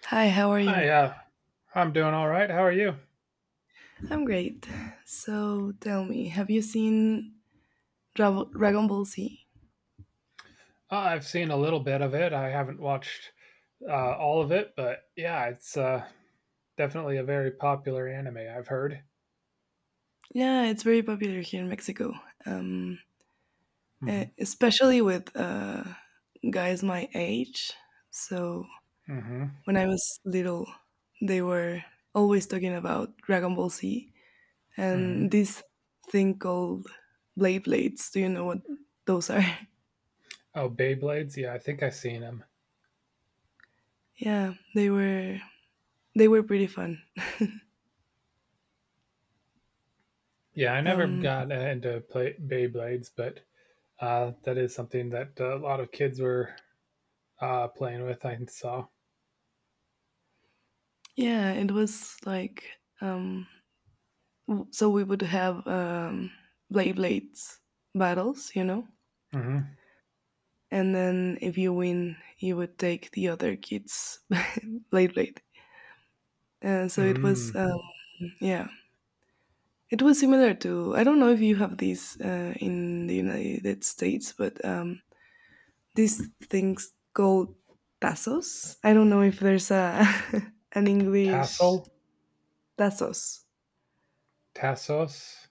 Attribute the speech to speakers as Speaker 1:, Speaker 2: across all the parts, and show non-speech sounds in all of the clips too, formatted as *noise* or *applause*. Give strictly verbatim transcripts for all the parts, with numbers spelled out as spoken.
Speaker 1: Hi, how are you?
Speaker 2: Hi, uh, I'm doing all right. How are you?
Speaker 1: I'm great. So tell me, have you seen Dra- Dragon Ball Z?
Speaker 2: Uh, I've seen a little bit of it. I haven't watched uh, all of it, but yeah, it's uh, definitely a very popular anime. I've heard.
Speaker 1: Yeah, it's very popular here in Mexico, um, e-
Speaker 2: Hmm
Speaker 1: especially with uh, guys my age. So
Speaker 2: hmm
Speaker 1: when I was little, they were always talking about Dragon Ball Z and
Speaker 2: hmm
Speaker 1: this thing called blade blades. Do you know what those are?
Speaker 2: Oh, Beyblades. Yeah, I think I've seen them.
Speaker 1: *laughs* Yeah, they were they were pretty fun.
Speaker 2: Yeah, I
Speaker 1: *laughs*
Speaker 2: never
Speaker 1: Um,
Speaker 2: got uh, into play- Beyblades, but uh, that is something that uh, a lot of kids were uh, playing with. I saw.
Speaker 1: yeah, it was like um w- so we would have um blade blades battles, you know?
Speaker 2: Hmm
Speaker 1: And then if you win, you would take the other kid's *laughs* blade blade. Uh, so it
Speaker 2: Mm.
Speaker 1: was um yeah. It was similar to, I don't know if you have these uh, in the United States, but um these things called tazos. I don't know if there's a *laughs* an English
Speaker 2: Tassel.
Speaker 1: tazos.
Speaker 2: Tassos.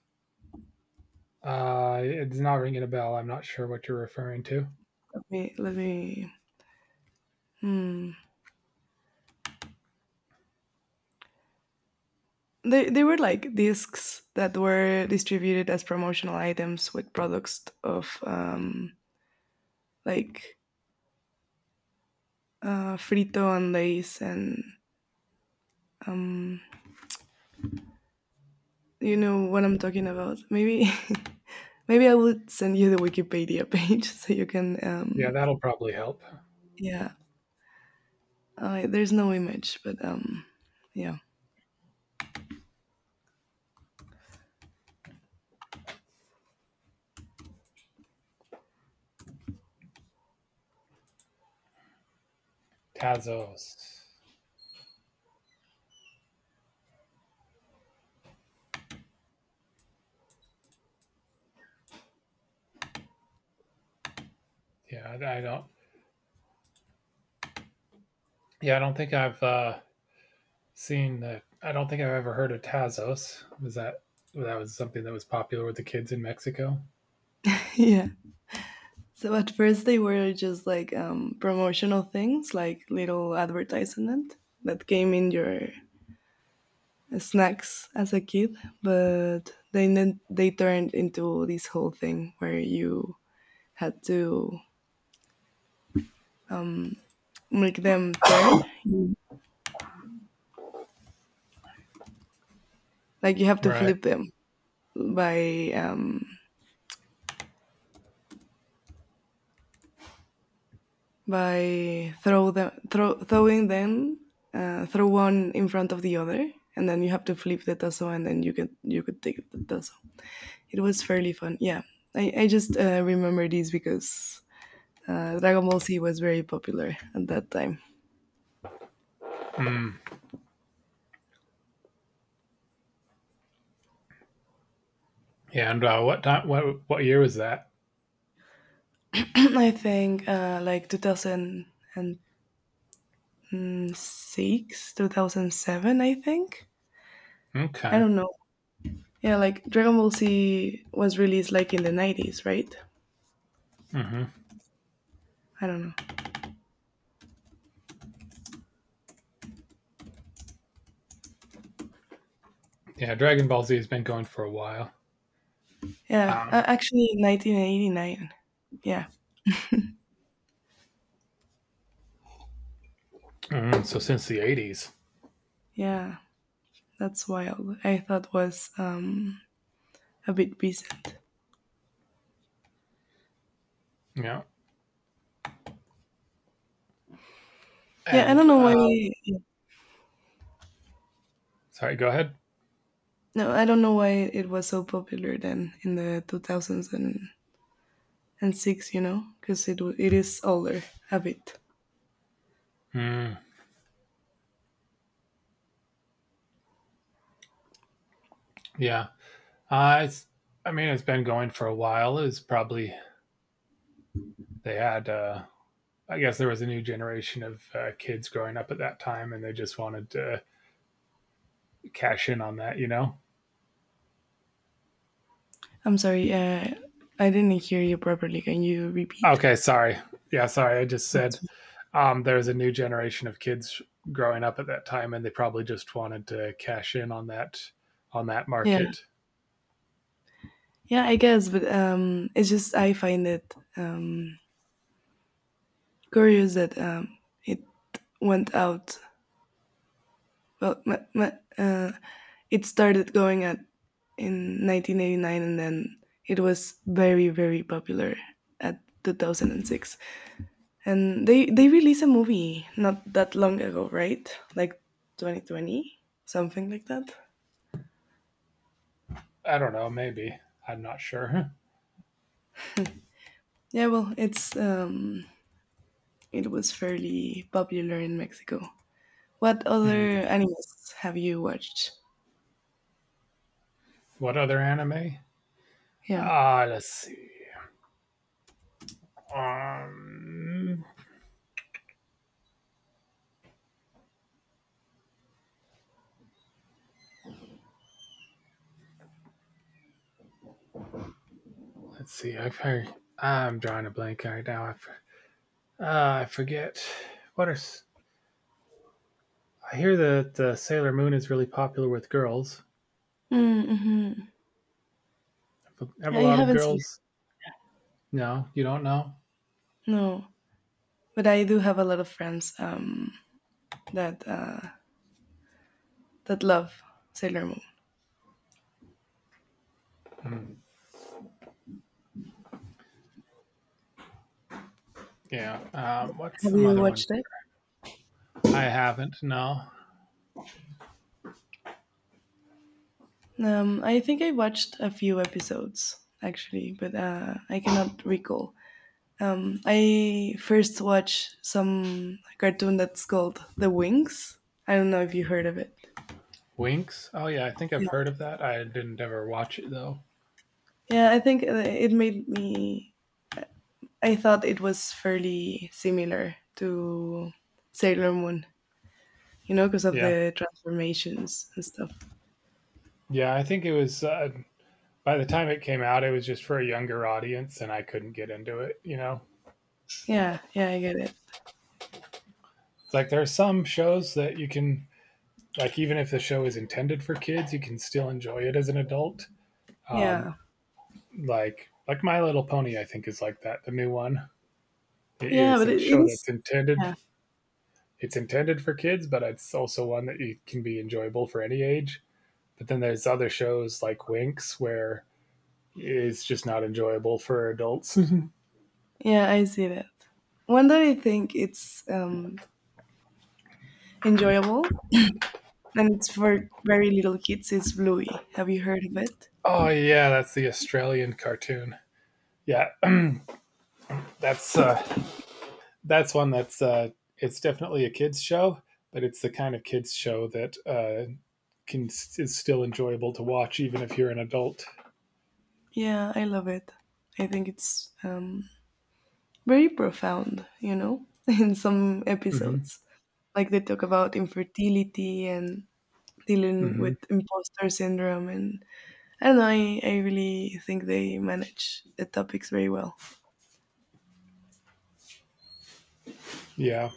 Speaker 2: Uh, it's not ringing a bell. I'm not sure what you're referring to.
Speaker 1: Let me let me hmm. They, they were like discs that were distributed as promotional items with products of um, like uh, Frito and Lays and um, you know what I'm talking about. Maybe *laughs* maybe I would send you the Wikipedia page *laughs* so you can
Speaker 2: Yeah,
Speaker 1: um,
Speaker 2: that'll probably help.
Speaker 1: yeah. Uh, there's no image, but um, yeah,
Speaker 2: Tazos. Yeah, I, I don't. Yeah, I don't think I've uh, seen that. I don't think I've ever heard of Tazos. Was that that was something that was popular with the kids in Mexico?
Speaker 1: *laughs* yeah. So at first they were just like um, promotional things, like little advertisement that came in your snacks as a kid, but they then they turned into this whole thing where you had to um, make them turn. You- Like you have to
Speaker 2: Right.
Speaker 1: flip them by um, by throw them throw, throwing them, uh, throw one in front of the other, and then you have to flip the tasso, and then you could you could take the tasso. It was fairly fun. Yeah, I I just uh, remember these because uh, Dragon Ball Z was very popular at that time.
Speaker 2: Mm. Yeah. And uh, what time? What what year was that?
Speaker 1: *clears throat* I think uh, like two thousand six, two thousand seven, I think. I
Speaker 2: Okay.
Speaker 1: don't know. Yeah, like Dragon Ball Z was released like in the nineties, right?
Speaker 2: hmm
Speaker 1: I don't know.
Speaker 2: Yeah. Dragon Ball Z has been going for a while.
Speaker 1: Yeah, uh,
Speaker 2: Um,
Speaker 1: actually nineteen eighty-nine. Yeah,
Speaker 2: mm, so since the eighties.
Speaker 1: yeah, that's wild. I thought was um, a bit recent.
Speaker 2: Yeah.
Speaker 1: Yeah, I don't
Speaker 2: And
Speaker 1: know why.
Speaker 2: uh, sorry. Go ahead.
Speaker 1: No, I don't know why it was so popular then in the two thousands and, and six. You know, because it wa- it is older a bit.
Speaker 2: Mm, yeah. Uh, it's. I mean, it's been going for a while. It was probably they had uh, I guess there was a new generation of uh, kids growing up at that time, and they just wanted to cash in on that, you know?
Speaker 1: I'm sorry, uh, I didn't hear you properly. Can you repeat?
Speaker 2: Okay, sorry. Yeah, sorry. I just said
Speaker 1: That's-
Speaker 2: um, there was a new generation of kids growing up at that time, and they probably just wanted to cash in on that on that
Speaker 1: Yeah,
Speaker 2: market.
Speaker 1: yeah, I guess, but um, it's just I find it um, curious that um, it went out. Well, ma- ma- uh, it started going at in nineteen eighty-nine, and then it was very, very popular at two thousand six. And six. And they they released a movie not that long ago, right? Like twenty twenty, something like that.
Speaker 2: I don't know. Maybe I'm not sure.
Speaker 1: Yeah, well, it's um, it was fairly popular in Mexico. What
Speaker 2: Hmm.
Speaker 1: other animes have you watched?
Speaker 2: What other anime?
Speaker 1: Yeah.
Speaker 2: Ah, uh, let's see. Um, let's see. I've heard. I'm drawing a blank right now. I, f- uh, I forget. What are I hear that uh, Sailor Moon is really popular with girls.
Speaker 1: Mm-hmm.
Speaker 2: Have a
Speaker 1: I
Speaker 2: lot of
Speaker 1: haven't seen
Speaker 2: girls? No, you don't know.
Speaker 1: it. No, but I do have a lot of friends um, that uh, that love Sailor Moon.
Speaker 2: Hmm. Yeah. Um, what's
Speaker 1: Have
Speaker 2: some
Speaker 1: you
Speaker 2: other ones?
Speaker 1: watched
Speaker 2: That
Speaker 1: it?
Speaker 2: are- I haven't. No.
Speaker 1: Um, I think I watched a few episodes actually, but uh, I cannot recall. Um, I first watched some cartoon that's called The Wings. I don't know if you heard of it.
Speaker 2: Winks. Oh yeah, I think I've heard
Speaker 1: Yeah,
Speaker 2: of that. I didn't ever watch it though.
Speaker 1: yeah I think uh, it made me, I thought it was fairly similar to Sailor Moon, you know, because of
Speaker 2: Yeah.
Speaker 1: the transformations and stuff.
Speaker 2: Yeah. I think it was. Uh, by the time it came out, it was just for a younger audience, and I couldn't get into it. You know,
Speaker 1: Yeah, yeah, I get it.
Speaker 2: it's like there are some shows that you can. Like even if the show is intended for kids, you can still enjoy it as an adult. Um,
Speaker 1: Yeah,
Speaker 2: like like My Little Pony, I think is like that. The new one. It-
Speaker 1: yeah,
Speaker 2: it's
Speaker 1: but
Speaker 2: a
Speaker 1: it, it
Speaker 2: show
Speaker 1: is.
Speaker 2: that's intended
Speaker 1: Yeah,
Speaker 2: it's intended for kids, but it's also one that you can be enjoyable for any age. But then there's other shows like Winx where it's just not enjoyable for adults.
Speaker 1: yeah, I see that. One that I think it's um, enjoyable and it's for very little kids is Bluey. Have you heard of it?
Speaker 2: *laughs* Oh yeah, that's the Australian cartoon. Yeah, *clears throat* that's uh, that's one that's uh, it's definitely a kids show, but it's the kind of kids show that uh, can is still enjoyable to watch even if you're an adult.
Speaker 1: Yeah, I love it. I think it's um, very profound, you know, *laughs* in some
Speaker 2: Hmm
Speaker 1: episodes. Like they talk about infertility and dealing
Speaker 2: hmm
Speaker 1: with imposter syndrome and I don't know, I, I really think they manage the topics very well.
Speaker 2: Yeah.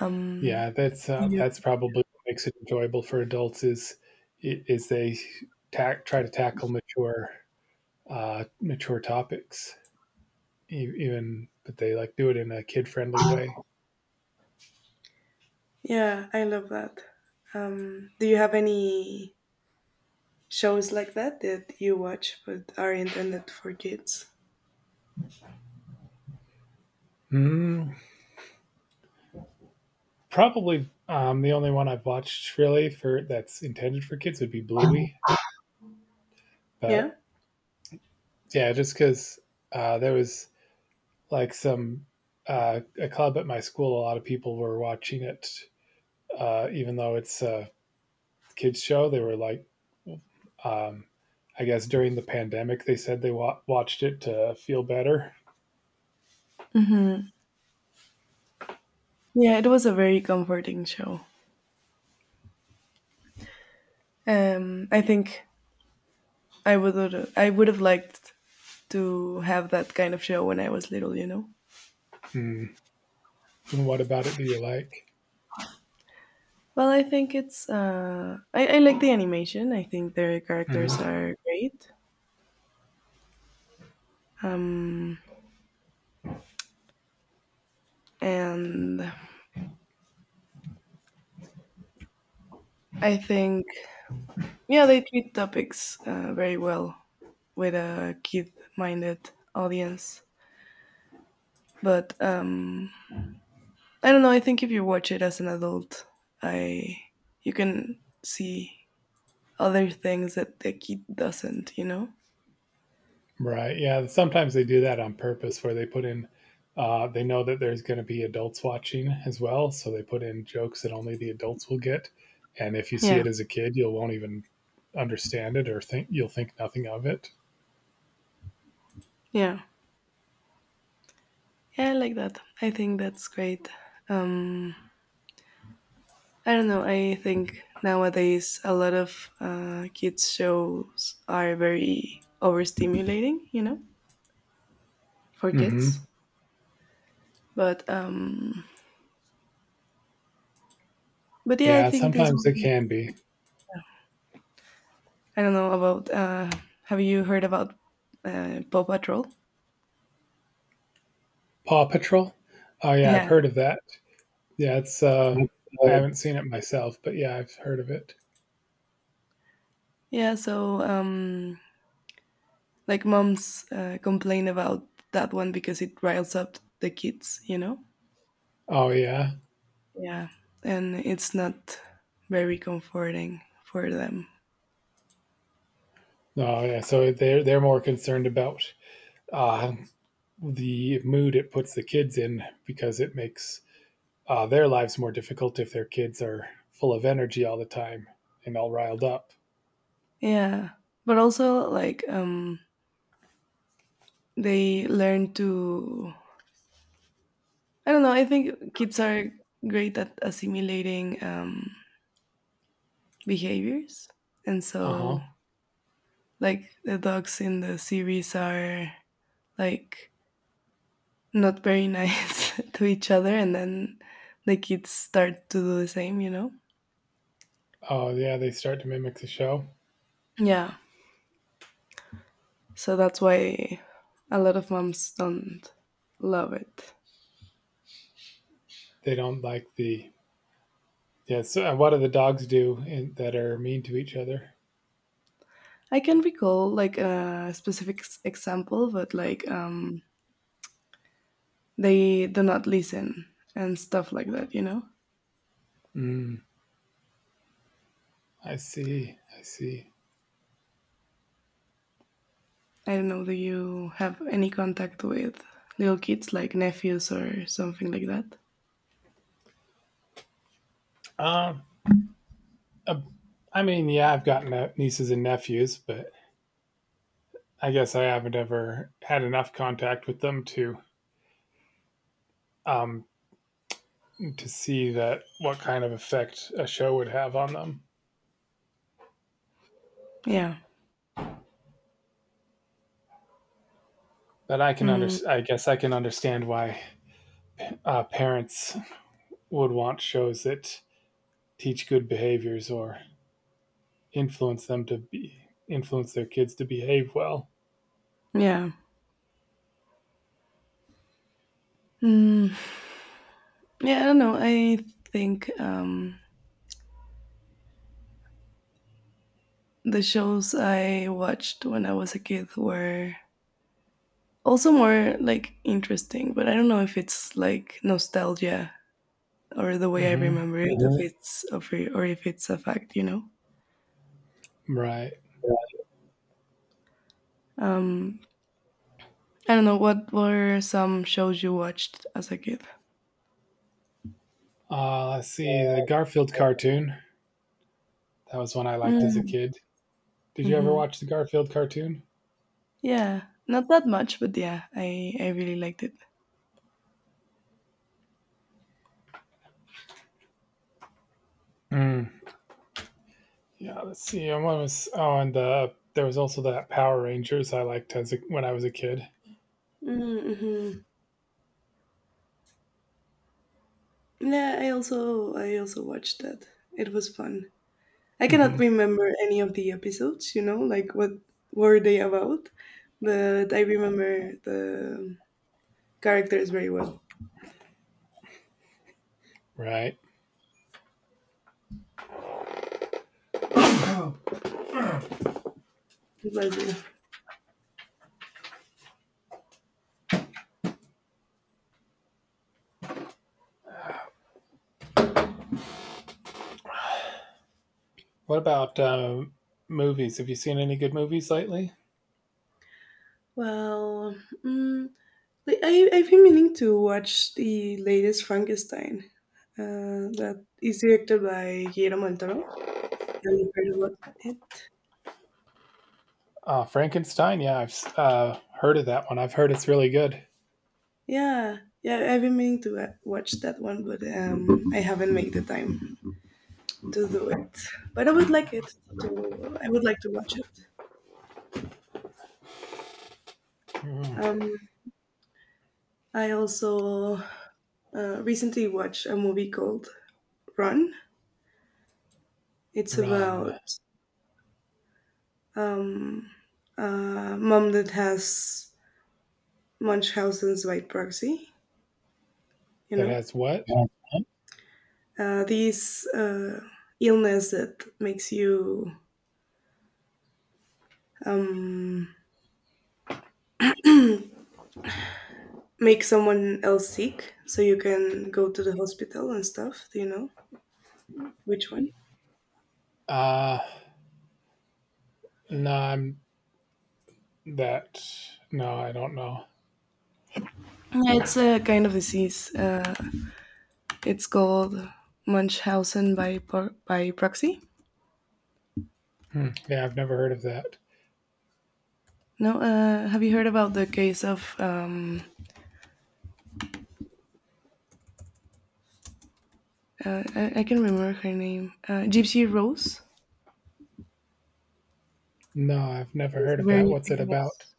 Speaker 1: Um
Speaker 2: Yeah, that's uh,
Speaker 1: you-
Speaker 2: that's probably what makes it enjoyable for adults is is they tack, try to tackle mature uh, mature topics, e- even but they like do it in a kid friendly way.
Speaker 1: yeah, I love that. Um do you have any shows like that that you watch but are intended for kids?
Speaker 2: Mm, probably um, the only one I've watched really for that's intended for kids would be Bluey,
Speaker 1: Yeah?
Speaker 2: but yeah, just because uh, there was like some uh, a club at my school, a lot of people were watching it, uh, even though it's a kids show. They were like um, I guess during the pandemic, they said they wa- watched it to feel better.
Speaker 1: Yeah, it was a very comforting show. Um I think I would I would have liked to have that kind of show when I was little, you know.
Speaker 2: Hmm. What about it do you like?
Speaker 1: Well, I think it's. Uh, I, I like the animation. I think their characters
Speaker 2: Hmm
Speaker 1: are great. Um, and I think, yeah, they treat topics uh, very well with a kid minded audience. But um, I don't know. I think if you watch it as an adult, I you can see other things that the kid doesn't, you know?
Speaker 2: Right. Yeah. Sometimes they do that on purpose where they put in, uh, they know that there's going to be adults watching as well. So they put in jokes that only the adults will get. And if you see
Speaker 1: Yeah.
Speaker 2: it as a kid, you won't even understand it or think you'll think nothing of it.
Speaker 1: Yeah. Yeah, I like that. I think that's great. Um, I don't know. I think nowadays a lot of uh, kids shows are very overstimulating, you know, for
Speaker 2: Hmm
Speaker 1: kids. But um, but yeah, I
Speaker 2: Yeah.
Speaker 1: think this
Speaker 2: Sometimes it
Speaker 1: one.
Speaker 2: can be.
Speaker 1: I don't know about. Uh, have you heard about uh, Paw Patrol?
Speaker 2: Paw Patrol. Oh, yeah. I've
Speaker 1: Yeah,
Speaker 2: heard of that. Yeah, it's uh I haven't seen it myself, but yeah, I've heard of it.
Speaker 1: yeah. So um, like moms uh, complain about that one because it riles up the kids, you know.
Speaker 2: Oh yeah.
Speaker 1: Yeah, and it's not very comforting for them.
Speaker 2: Oh yeah. So they're they're more concerned about uh, the mood it puts the kids in because it makes uh their lives more difficult if their kids are full of energy all the time and all riled up.
Speaker 1: Yeah, but also like um they learn to, I don't know, I think kids are great at assimilating um behaviors. And so
Speaker 2: Uh-huh.
Speaker 1: like the dogs in the series are like not very nice *laughs* to each other and then the kids start to do the same, you know?
Speaker 2: Oh yeah, they start to mimic the show.
Speaker 1: Yeah. So that's why a lot of moms don't love it.
Speaker 2: They don't like the Yeah, so uh, what do the dogs do in, that are mean to each other?
Speaker 1: I can recall like a specific s- example, but like um they do not listen and stuff like that, you know.
Speaker 2: Mm, I see. I see.
Speaker 1: I don't know, do you have any contact with little kids like nephews or something like that?
Speaker 2: Um, Uh, I mean, yeah, I've got ne- nieces and nephews, but I guess I haven't ever had enough contact with them to um, to see that what kind of effect a show would have on them.
Speaker 1: Yeah.
Speaker 2: But I can under-
Speaker 1: Mm,
Speaker 2: I guess I can understand why uh, parents would want shows that teach good behaviors or influence them to be influence their kids to behave well.
Speaker 1: yeah. Mm, yeah, I don't know, I think um the shows I watched when I was a kid were also more like interesting, but I don't know if it's like nostalgia or the way I
Speaker 2: Mm-hmm.
Speaker 1: remember it, if Mhm. it's or or if it's a fact, you know.
Speaker 2: Right.
Speaker 1: um I don't know, what were some shows you watched as a kid.
Speaker 2: Uh, let's see, the Garfield cartoon. That was one I liked as a
Speaker 1: Mm,
Speaker 2: kid. Did you ever
Speaker 1: hmm.
Speaker 2: watch the Garfield cartoon?
Speaker 1: Yeah, not that much, but yeah, I I really liked it.
Speaker 2: Mm. Yeah, let's see. And One was oh, and the there was also that Power Rangers I liked as a, when I was a kid.
Speaker 1: Mm-hmm. Yeah, I also I also watched that. It was fun. I cannot
Speaker 2: Hmm
Speaker 1: remember any of the episodes. You know, like what were they about, but I remember the characters very well.
Speaker 2: Right.
Speaker 1: Bless you.
Speaker 2: What about um, movies? Have you seen any good movies lately?
Speaker 1: Well, mm, like, I, I've been meaning to watch the latest Frankenstein uh, that is directed by Guillermo del Toro. Have you heard about it?
Speaker 2: Uh, Frankenstein. Yeah, I've s- uh, heard of that one. I've heard it's really good.
Speaker 1: Yeah, yeah, I've been meaning to uh, watch that one, but um, I haven't made the time to do it. But I would like it to. I would like to watch it.
Speaker 2: Mm.
Speaker 1: Um, I also uh, recently watched a movie called Run. It's
Speaker 2: Run
Speaker 1: about um, a mom that has Munchausen's by proxy, you
Speaker 2: that
Speaker 1: know.
Speaker 2: has what?
Speaker 1: Yeah. uh, these uh, Illness that makes you um, make someone else sick so you can go to the hospital and stuff. Do you know which one?
Speaker 2: Uh no, I'm that. No, I don't know.
Speaker 1: Yeah, it's a kind of disease. Uh, it's called Munchausen by por- by proxy.
Speaker 2: Hmm. Yeah, I've never heard of that.
Speaker 1: No, uh, have you heard about the case of um, uh, I, I can remember her name, uh, Gypsy Rose?
Speaker 2: No, I've
Speaker 1: It
Speaker 2: never
Speaker 1: was
Speaker 2: heard
Speaker 1: a
Speaker 2: of that.
Speaker 1: very
Speaker 2: What's it about?
Speaker 1: famous.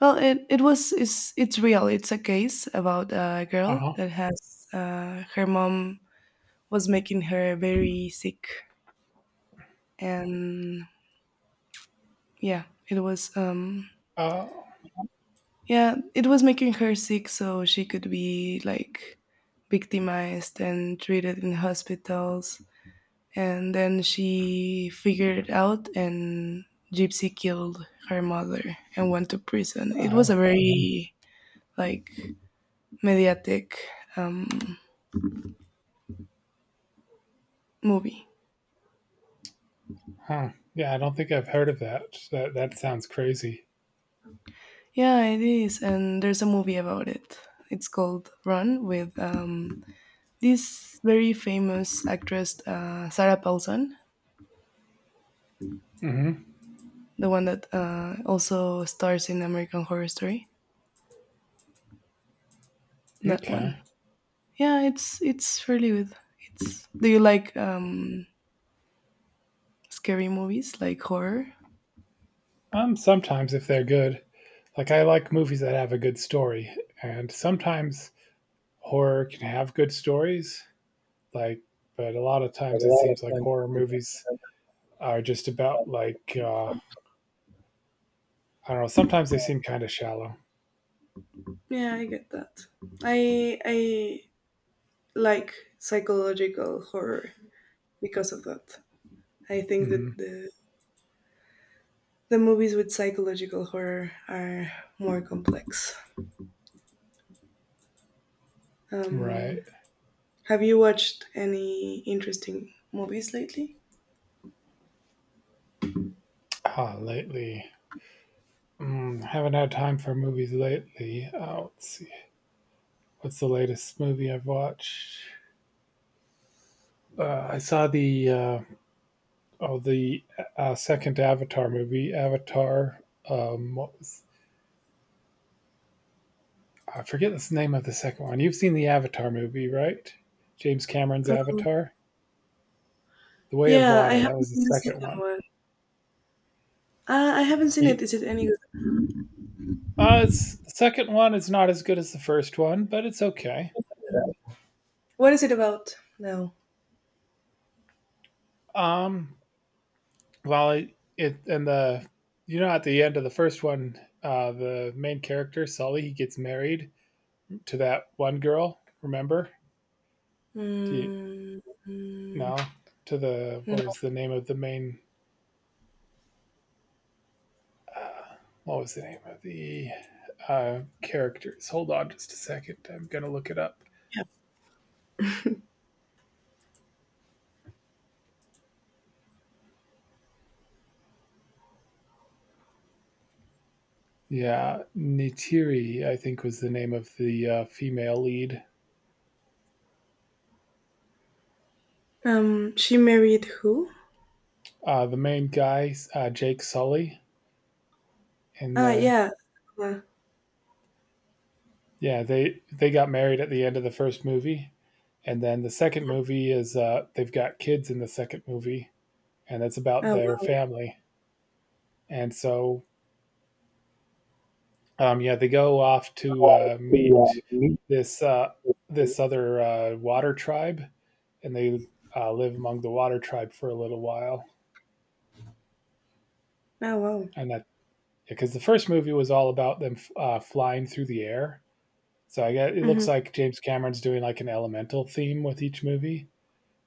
Speaker 1: Well, it, it was it's it's real. It's a case about a
Speaker 2: Uh
Speaker 1: girl
Speaker 2: huh.
Speaker 1: that has uh, her mom was making her very sick, and yeah, it was um
Speaker 2: Oh.
Speaker 1: yeah, it was making her sick, so she could be like victimized and treated in hospitals, and then she figured it out, and Gypsy killed her mother and went to prison. It was a
Speaker 2: Oh.
Speaker 1: very like mediatic Um, movie.
Speaker 2: Huh. Yeah, I don't think I've heard of that. That that sounds crazy.
Speaker 1: Yeah, it is, and there's a movie about it. It's called Run with um, this very famous actress uh, Sarah Paulson,
Speaker 2: Hmm
Speaker 1: the one that uh, also stars in American Horror Story. That one.
Speaker 2: Okay.
Speaker 1: Yeah, it's it's fairly good. It's. Do you like um, scary movies like horror?
Speaker 2: Um, sometimes if they're good, like I like movies that have a good story, and sometimes horror can have good stories. Like, but a lot of times it seems like horror movies are just about like uh, I don't know. Sometimes they seem kind of shallow.
Speaker 1: Yeah, I get that. I I like psychological horror because of that. I think
Speaker 2: Hmm
Speaker 1: that the the movies with psychological horror are more complex. Um,
Speaker 2: Right.
Speaker 1: have you watched any interesting movies lately?
Speaker 2: Ah, lately. Mm, haven't had time for movies lately. Oh, let's see. What's the latest movie I've watched? Uh, I saw the uh, Oh, the uh, second Avatar movie, Avatar. Um, what was, I forget the name of the second one. You've seen the Avatar movie, right? James Cameron's
Speaker 1: Um,
Speaker 2: Avatar, The Way of
Speaker 1: yeah, I
Speaker 2: Water. That
Speaker 1: haven't
Speaker 2: was the
Speaker 1: seen the
Speaker 2: second
Speaker 1: second
Speaker 2: one.
Speaker 1: one. Uh, I haven't seen it.
Speaker 2: Ye-
Speaker 1: Is it any good?
Speaker 2: Uh, it's, the second one is not as good as the first one, but it's okay.
Speaker 1: What is it about? No.
Speaker 2: Um, well, it, it and the you know, at the end of the first one, uh, the main character Sully, he gets married to that one girl. Remember? Do you
Speaker 1: Mm, mm,
Speaker 2: no? To the
Speaker 1: no.
Speaker 2: what was the name of the main what was the name of the uh, characters? Hold on just a second. I'm going to look it up.
Speaker 1: Yeah.
Speaker 2: Yeah, Nitiri, I think, was the name of the uh, female lead.
Speaker 1: Um, she married who?
Speaker 2: Uh, the main guy, uh, Jake Sully, and
Speaker 1: Ah,
Speaker 2: the
Speaker 1: yeah. Uh,
Speaker 2: yeah they they got married at the end of the first movie, and then the second movie is uh, they've got kids in the second movie, and it's about
Speaker 1: oh
Speaker 2: their
Speaker 1: wow.
Speaker 2: family. And so um, yeah, they go off to
Speaker 1: Oh
Speaker 2: uh,
Speaker 1: wow.
Speaker 2: meet
Speaker 1: Hmm.
Speaker 2: this uh, this other uh, water tribe, and they uh, live among the water tribe for a little while. And that because the first movie was all about them uh, flying through the air, so I guess it looks like James Cameron's doing like an elemental theme with each movie.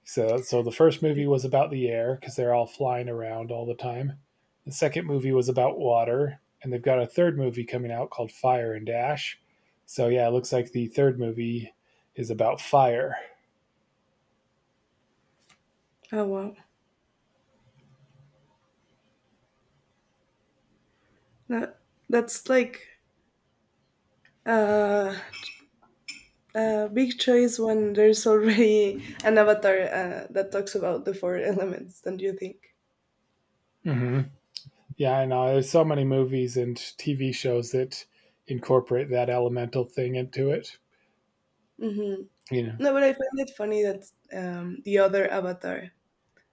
Speaker 2: So, so the first movie was about the air because they're all flying around all the time. The second movie was about water, and they've got a third movie coming out called Fire and Dash. So yeah, it looks like the third movie is about fire.
Speaker 1: Oh wow. That, that's like Uh, uh, big choice when there's already an avatar uh, that talks about the four elements, don't you think?
Speaker 2: Mm-hmm. Yeah, I know. There's so many movies and T V shows that incorporate that elemental thing into it.
Speaker 1: Hmm.
Speaker 2: You know.
Speaker 1: No, but I find it funny that um, the other avatar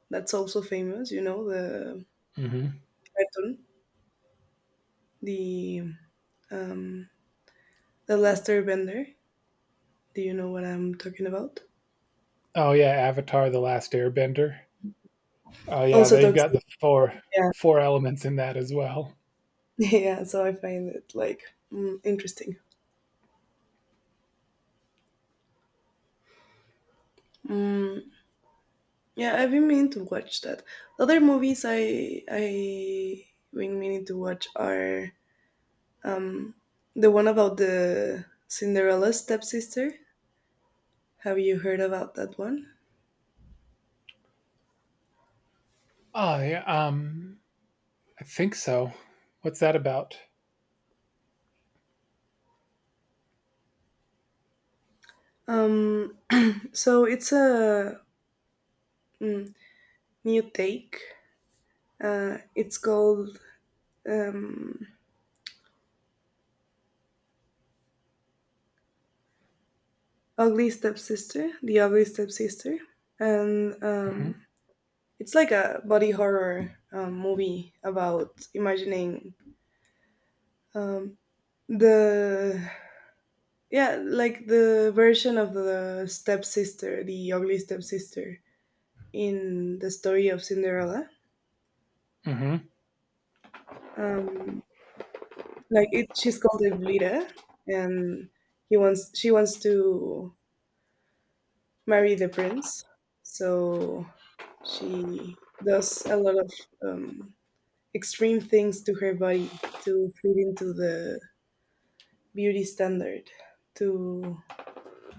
Speaker 1: that's also famous, you know, the
Speaker 2: Mm-hmm.
Speaker 1: cartoon, the um, the Last Airbender. Do you know what I'm talking about?
Speaker 2: Oh yeah, Avatar: The Last Airbender. Oh yeah,
Speaker 1: Also
Speaker 2: they've
Speaker 1: talks,
Speaker 2: got the four
Speaker 1: yeah,
Speaker 2: four elements in that as well.
Speaker 1: *laughs* yeah. So I find it like mm, interesting. Mm. Yeah, I've been meaning to watch that. The other movies I I been meaning to watch are um the one about the Cinderella stepsister. Have you heard about that one?
Speaker 2: Oh yeah. Um, I think so. What's that about?
Speaker 1: Um, so it's a mm, new take. Uh, it's called um, Ugly Stepsister, The Ugly Stepsister, and
Speaker 2: Mhm,
Speaker 1: um, it's like a body horror um, movie about imagining um, the yeah, like the version of the stepsister, the ugly stepsister in the story of Cinderella.
Speaker 2: mhm.
Speaker 1: Um, like it, she's called Evlira, and he wants she wants to marry the prince, so she does a lot of um, extreme things to her body to fit into the beauty standard to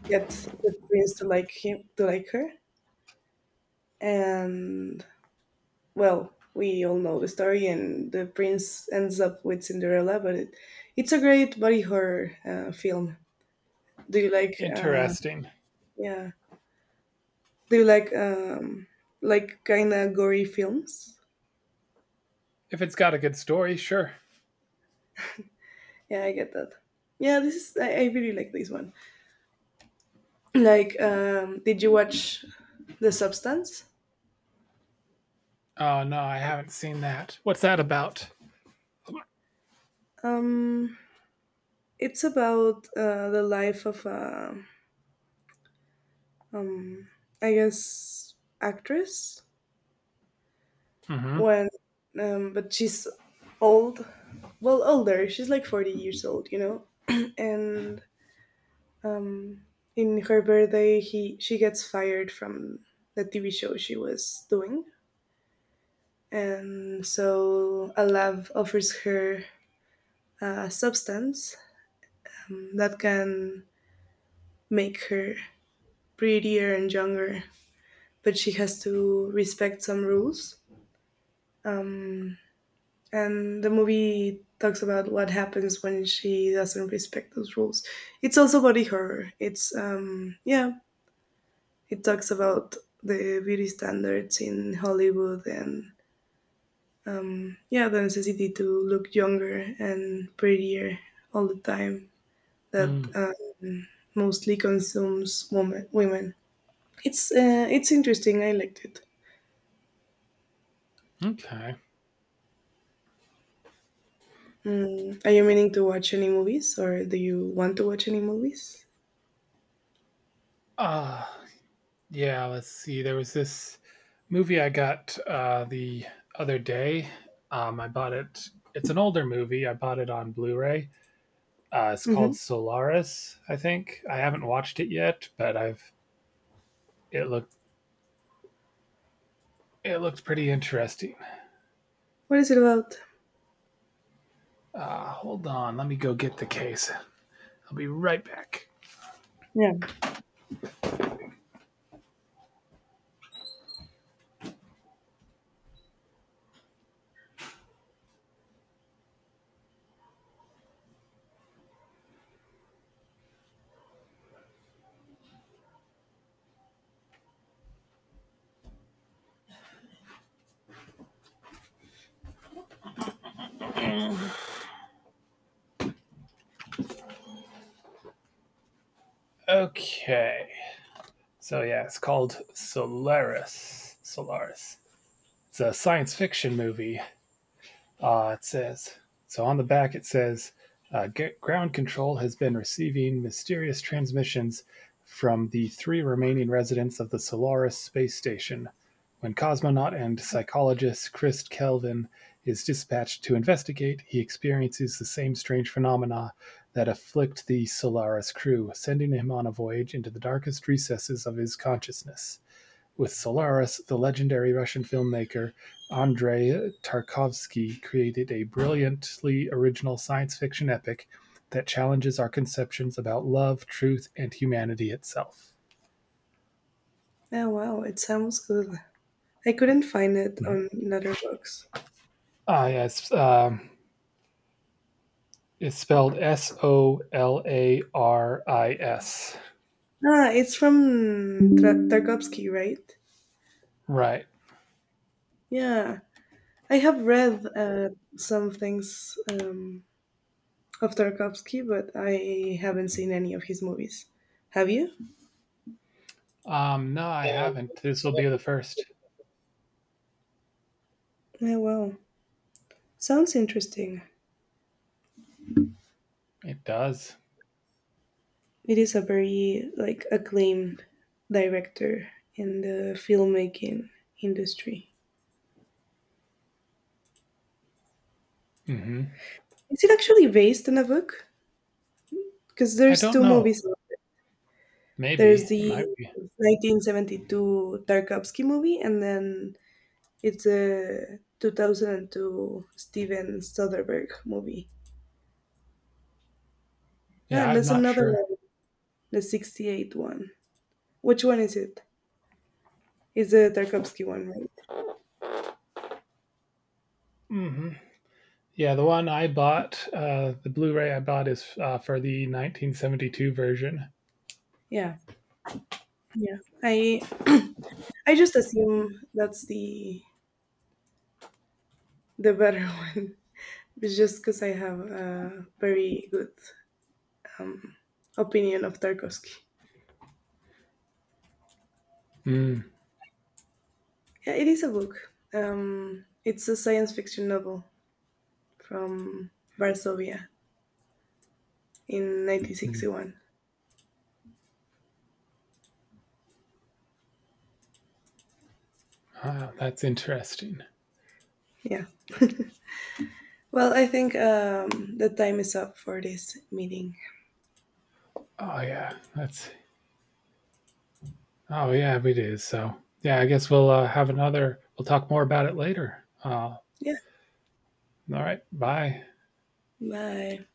Speaker 1: get the prince to like him to like her and, well, we all know the story, and the prince ends up with Cinderella. But it, it's a great body horror uh, film. Do you like? Uh,
Speaker 2: Interesting.
Speaker 1: yeah. Do you like um, like kind of gory films?
Speaker 2: If it's got a good story, sure.
Speaker 1: Yeah, I get that. Yeah, this is I, I really like this one. Like, um, did you watch The Substance?
Speaker 2: Oh, no, I haven't seen that. What's that about?
Speaker 1: Um, it's about uh, the life of a, um, I guess, actress,
Speaker 2: Mhm.
Speaker 1: when, um, but she's old, well older, she's like forty years old, you know. *clears throat* And um in her birthday, he she gets fired from the TV show she was doing, and so alav offers her a substance, um, that can make her prettier and younger, but she has to respect some rules, um, and the movie talks about what happens when she doesn't respect those rules. It's also body horror. It's um Yeah, it talks about the beauty standards in Hollywood and yeah, the necessity to look younger and prettier all the time that
Speaker 2: Mm,
Speaker 1: uh, mostly consumes woman, women. It's uh, it's interesting. I liked it.
Speaker 2: okay.
Speaker 1: Mm. Are you meaning to watch any movies, or do you want to watch any movies?
Speaker 2: Uh, yeah, let's see. There was this movie I got uh, the other day. Um, I bought it. It's an older movie. I bought it on Blu-ray. Uh, it's
Speaker 1: Mm-hmm.
Speaker 2: called Solaris, I think. I haven't watched it yet, but I've it looked, it looks pretty interesting.
Speaker 1: What is it about?
Speaker 2: Uh, hold on, let me go get the case. I'll be right back.
Speaker 1: Yeah.
Speaker 2: Okay. So yeah, it's called Solaris. Solaris. It's a science fiction movie. Uh, it says so on the back. It says uh, ground control has been receiving mysterious transmissions from the three remaining residents of the Solaris space station. When cosmonaut and psychologist Chris Kelvin is dispatched to investigate, he experiences the same strange phenomena that afflict the Solaris crew, sending him on a voyage into the darkest recesses of his consciousness. With "Solaris", the legendary Russian filmmaker Andrei Tarkovsky created a brilliantly original science-fiction epic that challenges our conceptions about love, truth, and humanity itself.
Speaker 1: Oh wow, it sounds good. I couldn't find it
Speaker 2: Mhm.
Speaker 1: on Letterboxd.
Speaker 2: Ah, yes, it's, um, it's spelled S O L A R I S.
Speaker 1: Ah, it's from Tra- Tarkovsky, right?
Speaker 2: Right.
Speaker 1: Yeah. I have read uh, some things um, of Tarkovsky, but I haven't seen any of his movies. Have you?
Speaker 2: Um, no, I haven't. This will be the first.
Speaker 1: Oh, wow. Sounds interesting.
Speaker 2: It does.
Speaker 1: It is a very like acclaimed director in the filmmaking industry.
Speaker 2: Hmm
Speaker 1: Is it actually based on a book? Because
Speaker 2: I
Speaker 1: there's
Speaker 2: don't
Speaker 1: two
Speaker 2: know.
Speaker 1: movies of it. There's
Speaker 2: Maybe it
Speaker 1: the
Speaker 2: might be.
Speaker 1: nineteen seventy-two Tarkovsky movie, and then it's a two thousand two Steven Soderbergh movie. Ah,
Speaker 2: Yeah,
Speaker 1: and
Speaker 2: I'm
Speaker 1: that's
Speaker 2: not
Speaker 1: another
Speaker 2: sure.
Speaker 1: one, the sixty-eight one. Which one is it? It's the Tarkovsky one, right?
Speaker 2: hmm Yeah, the one I bought, uh, the Blu-ray I bought is uh, for the nineteen seventy-two version.
Speaker 1: Yeah. Yeah. I I just assume that's the the better *laughs* one. It's just because I have a very good um, opinion of Tarkovsky.
Speaker 2: Mm.
Speaker 1: Yeah, it is a book. Um, it's a science fiction novel from Varsovia in nineteen sixty-one.
Speaker 2: Ah, that's interesting.
Speaker 1: Yeah. Well, I think um, the time is up for this meeting.
Speaker 2: Oh yeah, that's oh yeah, it is. So yeah, I guess we'll uh, have another. We'll talk more about it later. Uh, all
Speaker 1: Yeah.
Speaker 2: right, bye.
Speaker 1: Bye.